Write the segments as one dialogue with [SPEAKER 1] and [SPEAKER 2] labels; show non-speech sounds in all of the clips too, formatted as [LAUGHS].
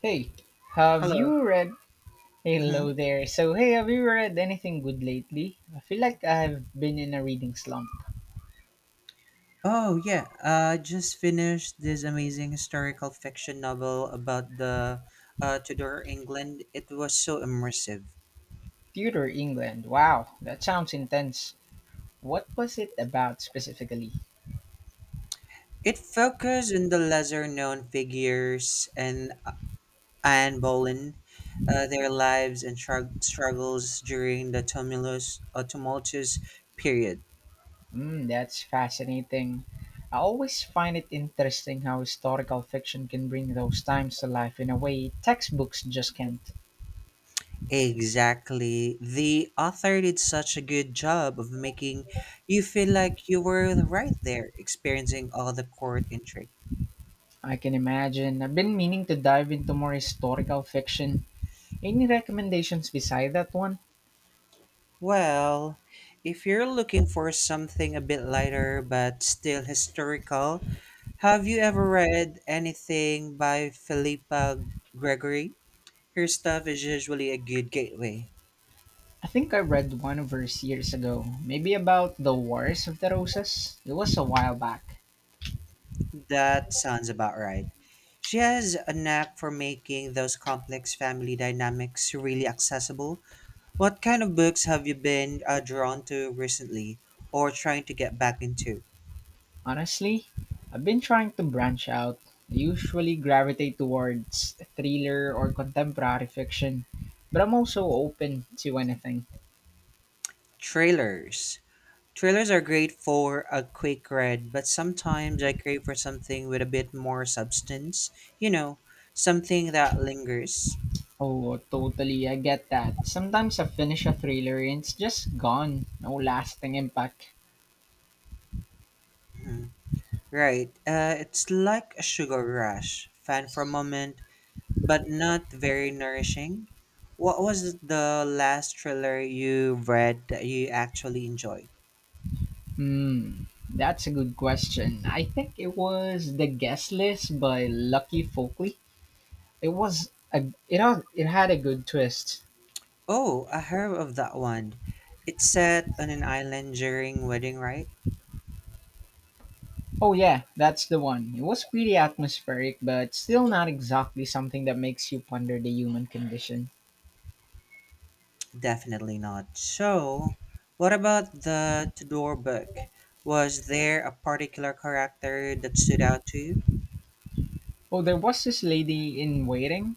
[SPEAKER 1] Hey, have
[SPEAKER 2] Hello.
[SPEAKER 1] you read?
[SPEAKER 2] hmm
[SPEAKER 1] Hello there. So, hey, have you read anything good lately? I feel like I've been in a reading slump.
[SPEAKER 2] Oh, yeah. Just finished this amazing historical fiction novel about the Tudor England. It was so immersive.
[SPEAKER 1] Tudor England. Wow, that sounds intense. What was it about specifically?
[SPEAKER 2] It focused on the lesser-known figures and Anne Boleyn, their lives and struggles during the tumultuous period.
[SPEAKER 1] Hmm, that's fascinating. I always find it interesting how historical fiction can bring those times to life in a way textbooks just can't.
[SPEAKER 2] Exactly. The author did such a good job of making you feel like you were right there, experiencing all the court intrigue.
[SPEAKER 1] I can imagine. I've been meaning to dive into more historical fiction. Any recommendations beside that one?
[SPEAKER 2] Well, if you're looking for something a bit lighter but still historical, have you ever read anything by Philippa Gregory? Her stuff is usually a good gateway.
[SPEAKER 1] I think I read one of hers years ago, maybe about the Wars of the Roses. It was a while back.
[SPEAKER 2] That sounds about right. She has a knack for making those complex family dynamics really accessible. What kind of books have you been drawn to recently or trying to get back into?
[SPEAKER 1] Honestly, I've been trying to branch out. I usually gravitate towards thriller or contemporary fiction, but I'm also open to anything.
[SPEAKER 2] Trailers. Trailers are great for a quick read, but sometimes I crave for something with a bit more substance. You know, Something that lingers.
[SPEAKER 1] Oh, totally, I get that. Sometimes I finish a thriller and it's just gone. No lasting impact.
[SPEAKER 2] Mhm. Right. It's like a sugar rush, fun for a moment, but not very nourishing. What was the last thriller you read that you actually enjoyed?
[SPEAKER 1] Hmm, that's a good question. I think it was The Guest List by Lucky Folkley. It was a it had a good twist.
[SPEAKER 2] Oh, I heard of that one. It's set on an island during wedding, right?
[SPEAKER 1] Oh yeah, that's the one. It was pretty atmospheric, but still not exactly something that makes you ponder the human condition.
[SPEAKER 2] Definitely not. So, what about the Tudor book? Was there a particular character that stood out to you?
[SPEAKER 1] Oh, there was this lady in waiting,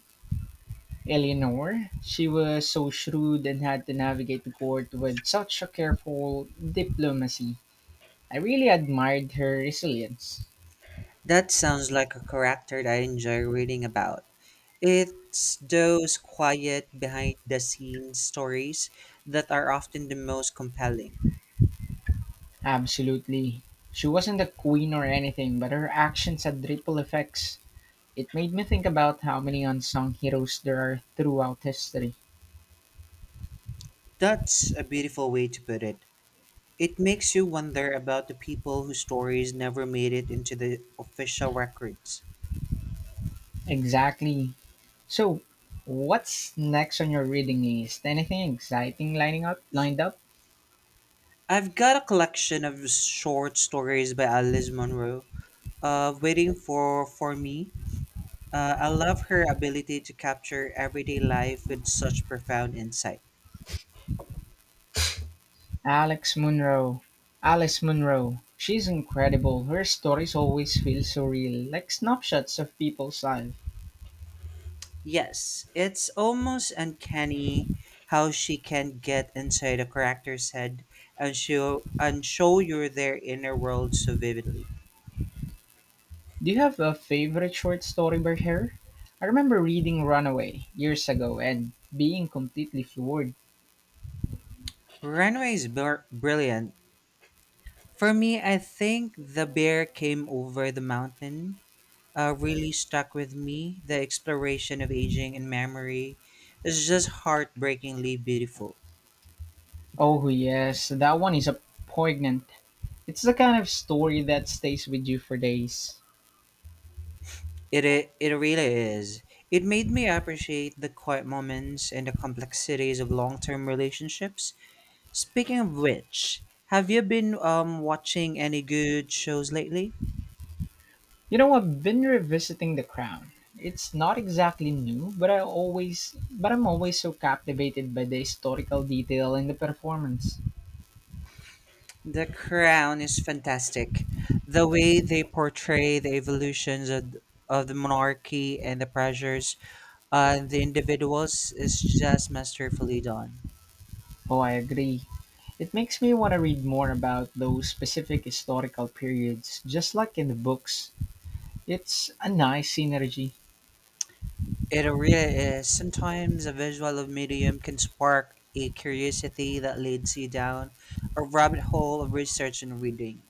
[SPEAKER 1] Eleanor. She was so shrewd and had to navigate the court with such a careful diplomacy. I really admired her resilience.
[SPEAKER 2] That sounds like a character that I enjoy reading about. It's those quiet, behind the scenes stories that are often the most compelling.
[SPEAKER 1] Absolutely. She wasn't a queen or anything, but her actions had ripple effects. It made me think about how many unsung heroes there are throughout history.
[SPEAKER 2] That's a beautiful way to put it. It makes you wonder about the people whose stories never made it into the official records.
[SPEAKER 1] Exactly. So, what's next on your reading list? Anything exciting lining up? Lined up?
[SPEAKER 2] I've got a collection of short stories by Alice Munro, waiting for me. I love her ability to capture everyday life with such profound insight.
[SPEAKER 1] Alex Munro. Alice Munro. She's incredible. Her stories always feel so real, like snapshots of people's lives.
[SPEAKER 2] Yes, it's almost uncanny how she can get inside a character's head and show you their inner world so vividly.
[SPEAKER 1] Do you have a favorite short story by her? I remember reading Runaway years ago and being completely floored.
[SPEAKER 2] Runway is brilliant. For me, I think the bear came over the mountain really stuck with me. The exploration of aging and memory is just heartbreakingly beautiful.
[SPEAKER 1] Oh, yes, that one is a poignant. It's the kind of story that stays with you for days.
[SPEAKER 2] It really is. It made me appreciate the quiet moments and the complexities of long term relationships. Speaking of which, have you been watching any good shows lately?
[SPEAKER 1] You know, I've been revisiting The Crown. It's not exactly new, but I'm always so captivated by the historical detail and the performance.
[SPEAKER 2] The Crown is fantastic. The way they portray the evolutions of the monarchy and the pressures and the individuals is just masterfully done.
[SPEAKER 1] Oh, I agree. It makes me want to read more about those specific historical periods, just like in the books. It's a nice synergy.
[SPEAKER 2] It really is. Sometimes a visual of medium can spark a curiosity that leads you down a rabbit hole of research and reading.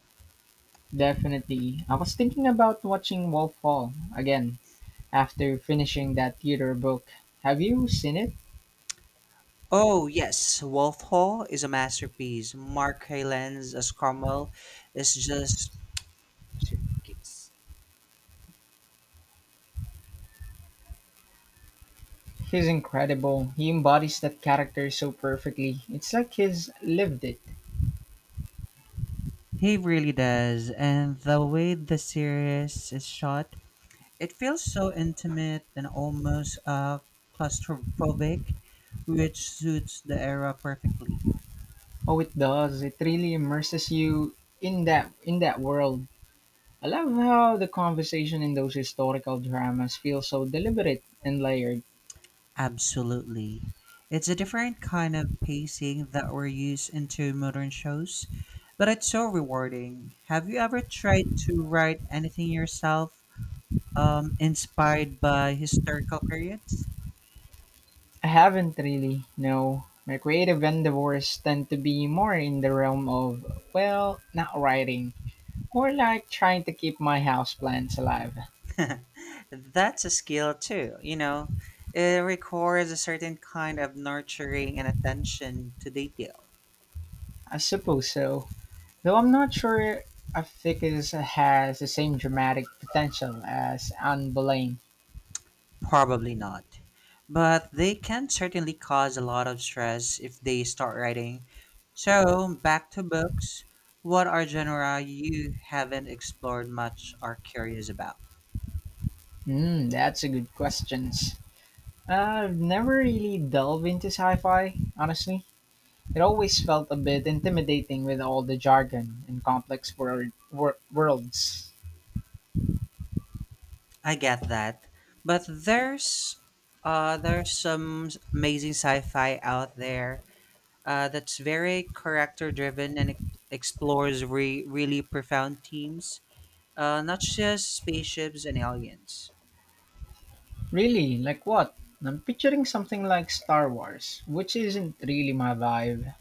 [SPEAKER 1] Definitely. I was thinking about watching Wolf Hall again after finishing that theater book. Have you seen it?
[SPEAKER 2] Oh yes, Wolf Hall is a masterpiece. Mark Hyland's as Cromwell is just
[SPEAKER 1] He's incredible. He embodies that character so perfectly. It's like he's lived it.
[SPEAKER 2] he really does, and the way the series is shot. It feels so intimate and almost claustrophobic, which suits the era perfectly.
[SPEAKER 1] Oh, it does. It really immerses you in that world. I love how the conversation in those historical dramas feels so deliberate and layered.
[SPEAKER 2] Absolutely. It's a different kind of pacing that we're used into modern shows, but it's so rewarding. Have you ever tried to write anything yourself inspired by historical periods?
[SPEAKER 1] I haven't really, no. My creative endeavors tend to be more in the realm of, well, not writing. More like trying to keep my houseplants alive.
[SPEAKER 2] [LAUGHS] That's a skill too, you know. It requires a certain kind of nurturing and attention to detail.
[SPEAKER 1] I suppose so. Though I'm not sure I think it has the same dramatic potential as Anne Boleyn.
[SPEAKER 2] Probably not. But they can certainly cause a lot of stress if they start writing. So, back to books. What are genera you haven't explored much or curious about?
[SPEAKER 1] Mm, that's a good question. I've never really delved into sci-fi, honestly. It always felt a bit intimidating with all the jargon and complex worlds.
[SPEAKER 2] I get that. But there's some amazing sci-fi out there that's very character driven and explores really profound themes, not just spaceships and aliens.
[SPEAKER 1] Really, like what? I'm picturing something like Star Wars, which isn't really my vibe.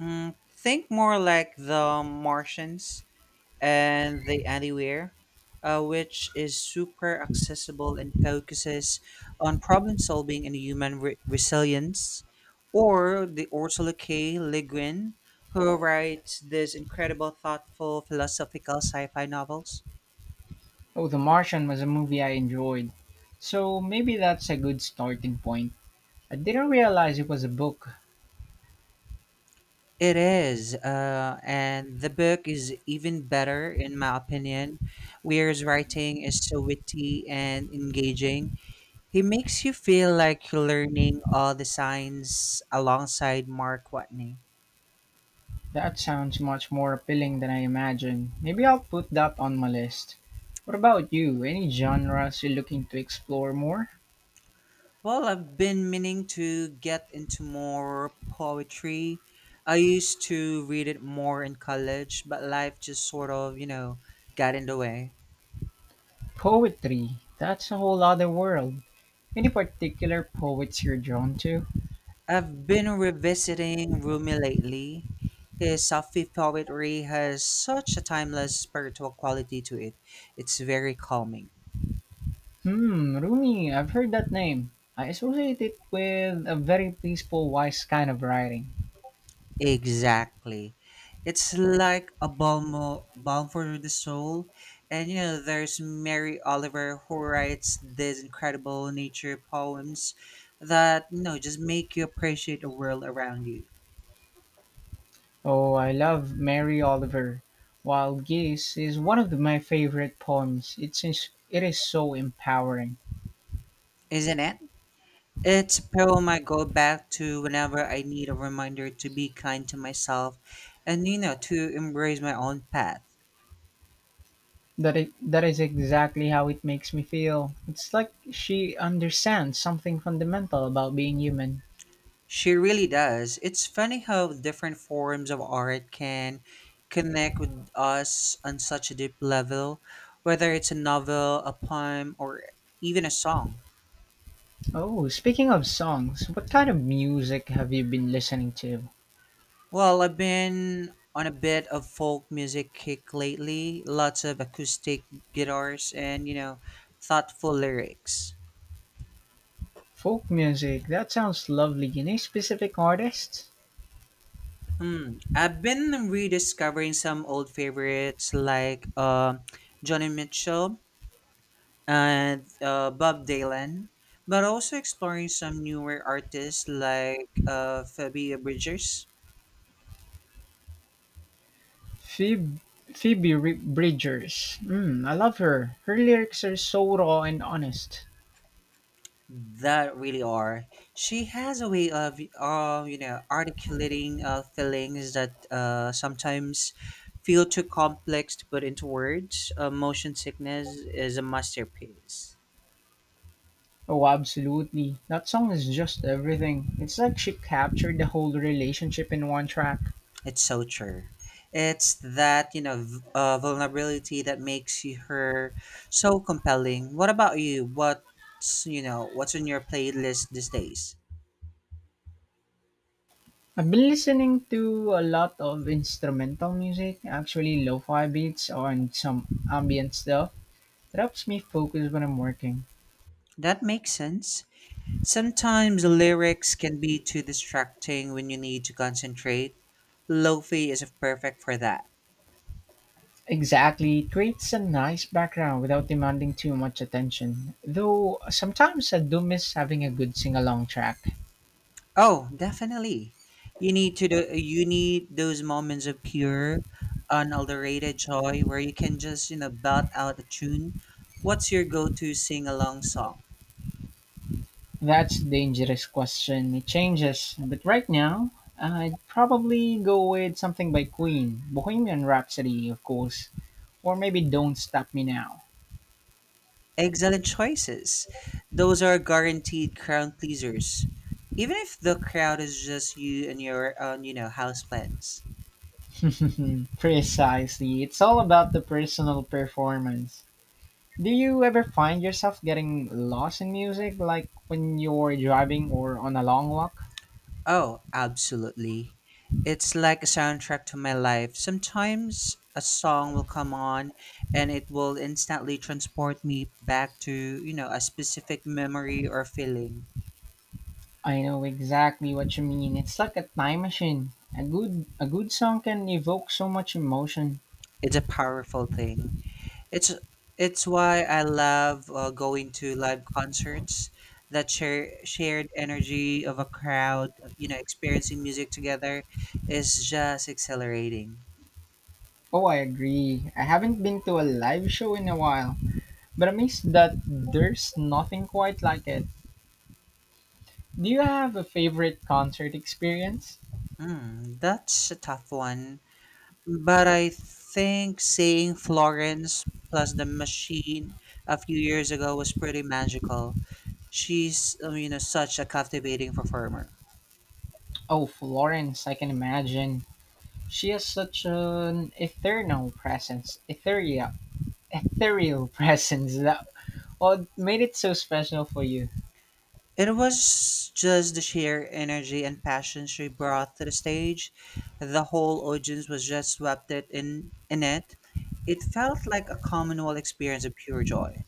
[SPEAKER 2] Mm, think more like The Martians and The Anywhere, which is super accessible and focuses on problem solving and human resilience. Or the Ursula K. Le Guin, who writes these incredible, thoughtful, philosophical sci fi novels.
[SPEAKER 1] Oh, The Martian was a movie I enjoyed, so maybe that's a good starting point. I didn't realize it was a book.
[SPEAKER 2] It is, and the book is even better in my opinion. Weir's writing is so witty and engaging. He makes you feel like you're learning all the signs alongside Mark Watney.
[SPEAKER 1] That sounds much more appealing than I imagined. Maybe I'll put that on my list. What about you? Any genres you're looking to explore more?
[SPEAKER 2] Well, I've been meaning to get into more poetry. I used to read it more in college, but life just sort of, you know, got in the way.
[SPEAKER 1] Poetry. That's a whole other world. Any particular poets you're drawn to?
[SPEAKER 2] I've been revisiting Rumi lately. His Sufi poetry has such a timeless spiritual quality to it. It's very calming.
[SPEAKER 1] Hmm, Rumi. I've heard that name. I associate it with a very peaceful, wise kind of writing.
[SPEAKER 2] Exactly. It's like a balm for the soul. And you know, there's Mary Oliver who writes these incredible nature poems that, you know, just make you appreciate the world around you.
[SPEAKER 1] Oh, I love Mary Oliver. Wild Geese is one of my favorite poems. It is so empowering.
[SPEAKER 2] Isn't it? It's a poem I go back to whenever I need a reminder to be kind to myself and, you know, to embrace my own path.
[SPEAKER 1] That is exactly how it makes me feel. It's like she understands something fundamental about being human.
[SPEAKER 2] She really does. It's funny how different forms of art can connect with us on such a deep level, whether it's a novel, a poem, or even a song.
[SPEAKER 1] Oh, speaking of songs, what kind of music have you been listening to?
[SPEAKER 2] Well, I've been on a bit of folk music kick lately, lots of acoustic guitars and, you know, thoughtful lyrics.
[SPEAKER 1] Folk music. That sounds lovely. Any specific artist?
[SPEAKER 2] Hmm. I've been rediscovering some old favorites like Johnny Mitchell and Bob Dylan, but also exploring some newer artists like Phoebe Bridgers.
[SPEAKER 1] Phoebe, Bridgers. Mm, I love her. Her lyrics are so raw and honest.
[SPEAKER 2] That really are. She has a way of, you know, articulating feelings that sometimes feel too complex to put into words. Motion sickness is a masterpiece.
[SPEAKER 1] Oh, absolutely. That song is just everything. It's like she captured the whole relationship in one track.
[SPEAKER 2] It's so true. It's that, you know, vulnerability that makes you- her so compelling. What about you? What's, you know, what's on your playlist these days?
[SPEAKER 1] I've been listening to a lot of instrumental music, actually lo-fi beats and some ambient stuff. It helps me focus when I'm working.
[SPEAKER 2] That makes sense. Sometimes the lyrics can be too distracting when you need to concentrate. Lofi is perfect for that.
[SPEAKER 1] Exactly, it creates a nice background without demanding too much attention. Though sometimes I do miss having a good sing-along track.
[SPEAKER 2] Oh, definitely. You need those moments of pure, unadulterated joy where you can just, you know, belt out a tune. What's your go-to sing-along song?
[SPEAKER 1] That's a dangerous question. It changes, but right now I'd probably go with something by Queen, Bohemian Rhapsody, of course, or maybe Don't Stop Me Now.
[SPEAKER 2] Excellent choices. Those are guaranteed crowd pleasers. Even if the crowd is just you and your, you know, houseplants.
[SPEAKER 1] [LAUGHS] Precisely. It's all about the personal performance. Do you ever find yourself getting lost in music, like when you're driving or on a long walk?
[SPEAKER 2] Oh, absolutely. It's like a soundtrack to my life. Sometimes a song will come on and it will instantly transport me back to, you know, a specific memory or feeling.
[SPEAKER 1] I know exactly what you mean. It's like a time machine. A good song can evoke so much emotion.
[SPEAKER 2] It's a powerful thing. It's it's why I love going to live concerts. That shared energy of a crowd, you know, experiencing music together is just exhilarating.
[SPEAKER 1] Oh, I agree. I haven't been to a live show in a while, but I'm amazed that there's nothing quite like it. Do you have a favorite concert experience?
[SPEAKER 2] Mm, that's a tough one. But I think seeing Florence plus the machine a few years ago was pretty magical. She's, you know, such a captivating performer.
[SPEAKER 1] Oh, Florence, I can imagine. She has such an eternal presence, ethereal [LAUGHS] presence. That what made it so special for you.
[SPEAKER 2] It was just the sheer energy and passion she brought to the stage. The whole audience was just swept it in it. It felt like a communal experience of pure joy.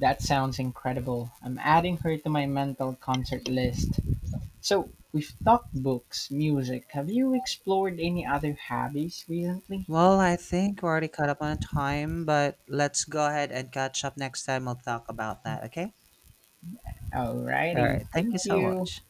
[SPEAKER 1] That sounds incredible. I'm adding her to my mental concert list. So we've talked books, music. Have you explored any other hobbies recently?
[SPEAKER 2] Well, I think we're already caught up on time, but let's go ahead and catch up next time. We'll talk about that, okay? All
[SPEAKER 1] Alrighty,
[SPEAKER 2] right. Thank
[SPEAKER 1] thank
[SPEAKER 2] you so
[SPEAKER 1] you.
[SPEAKER 2] much.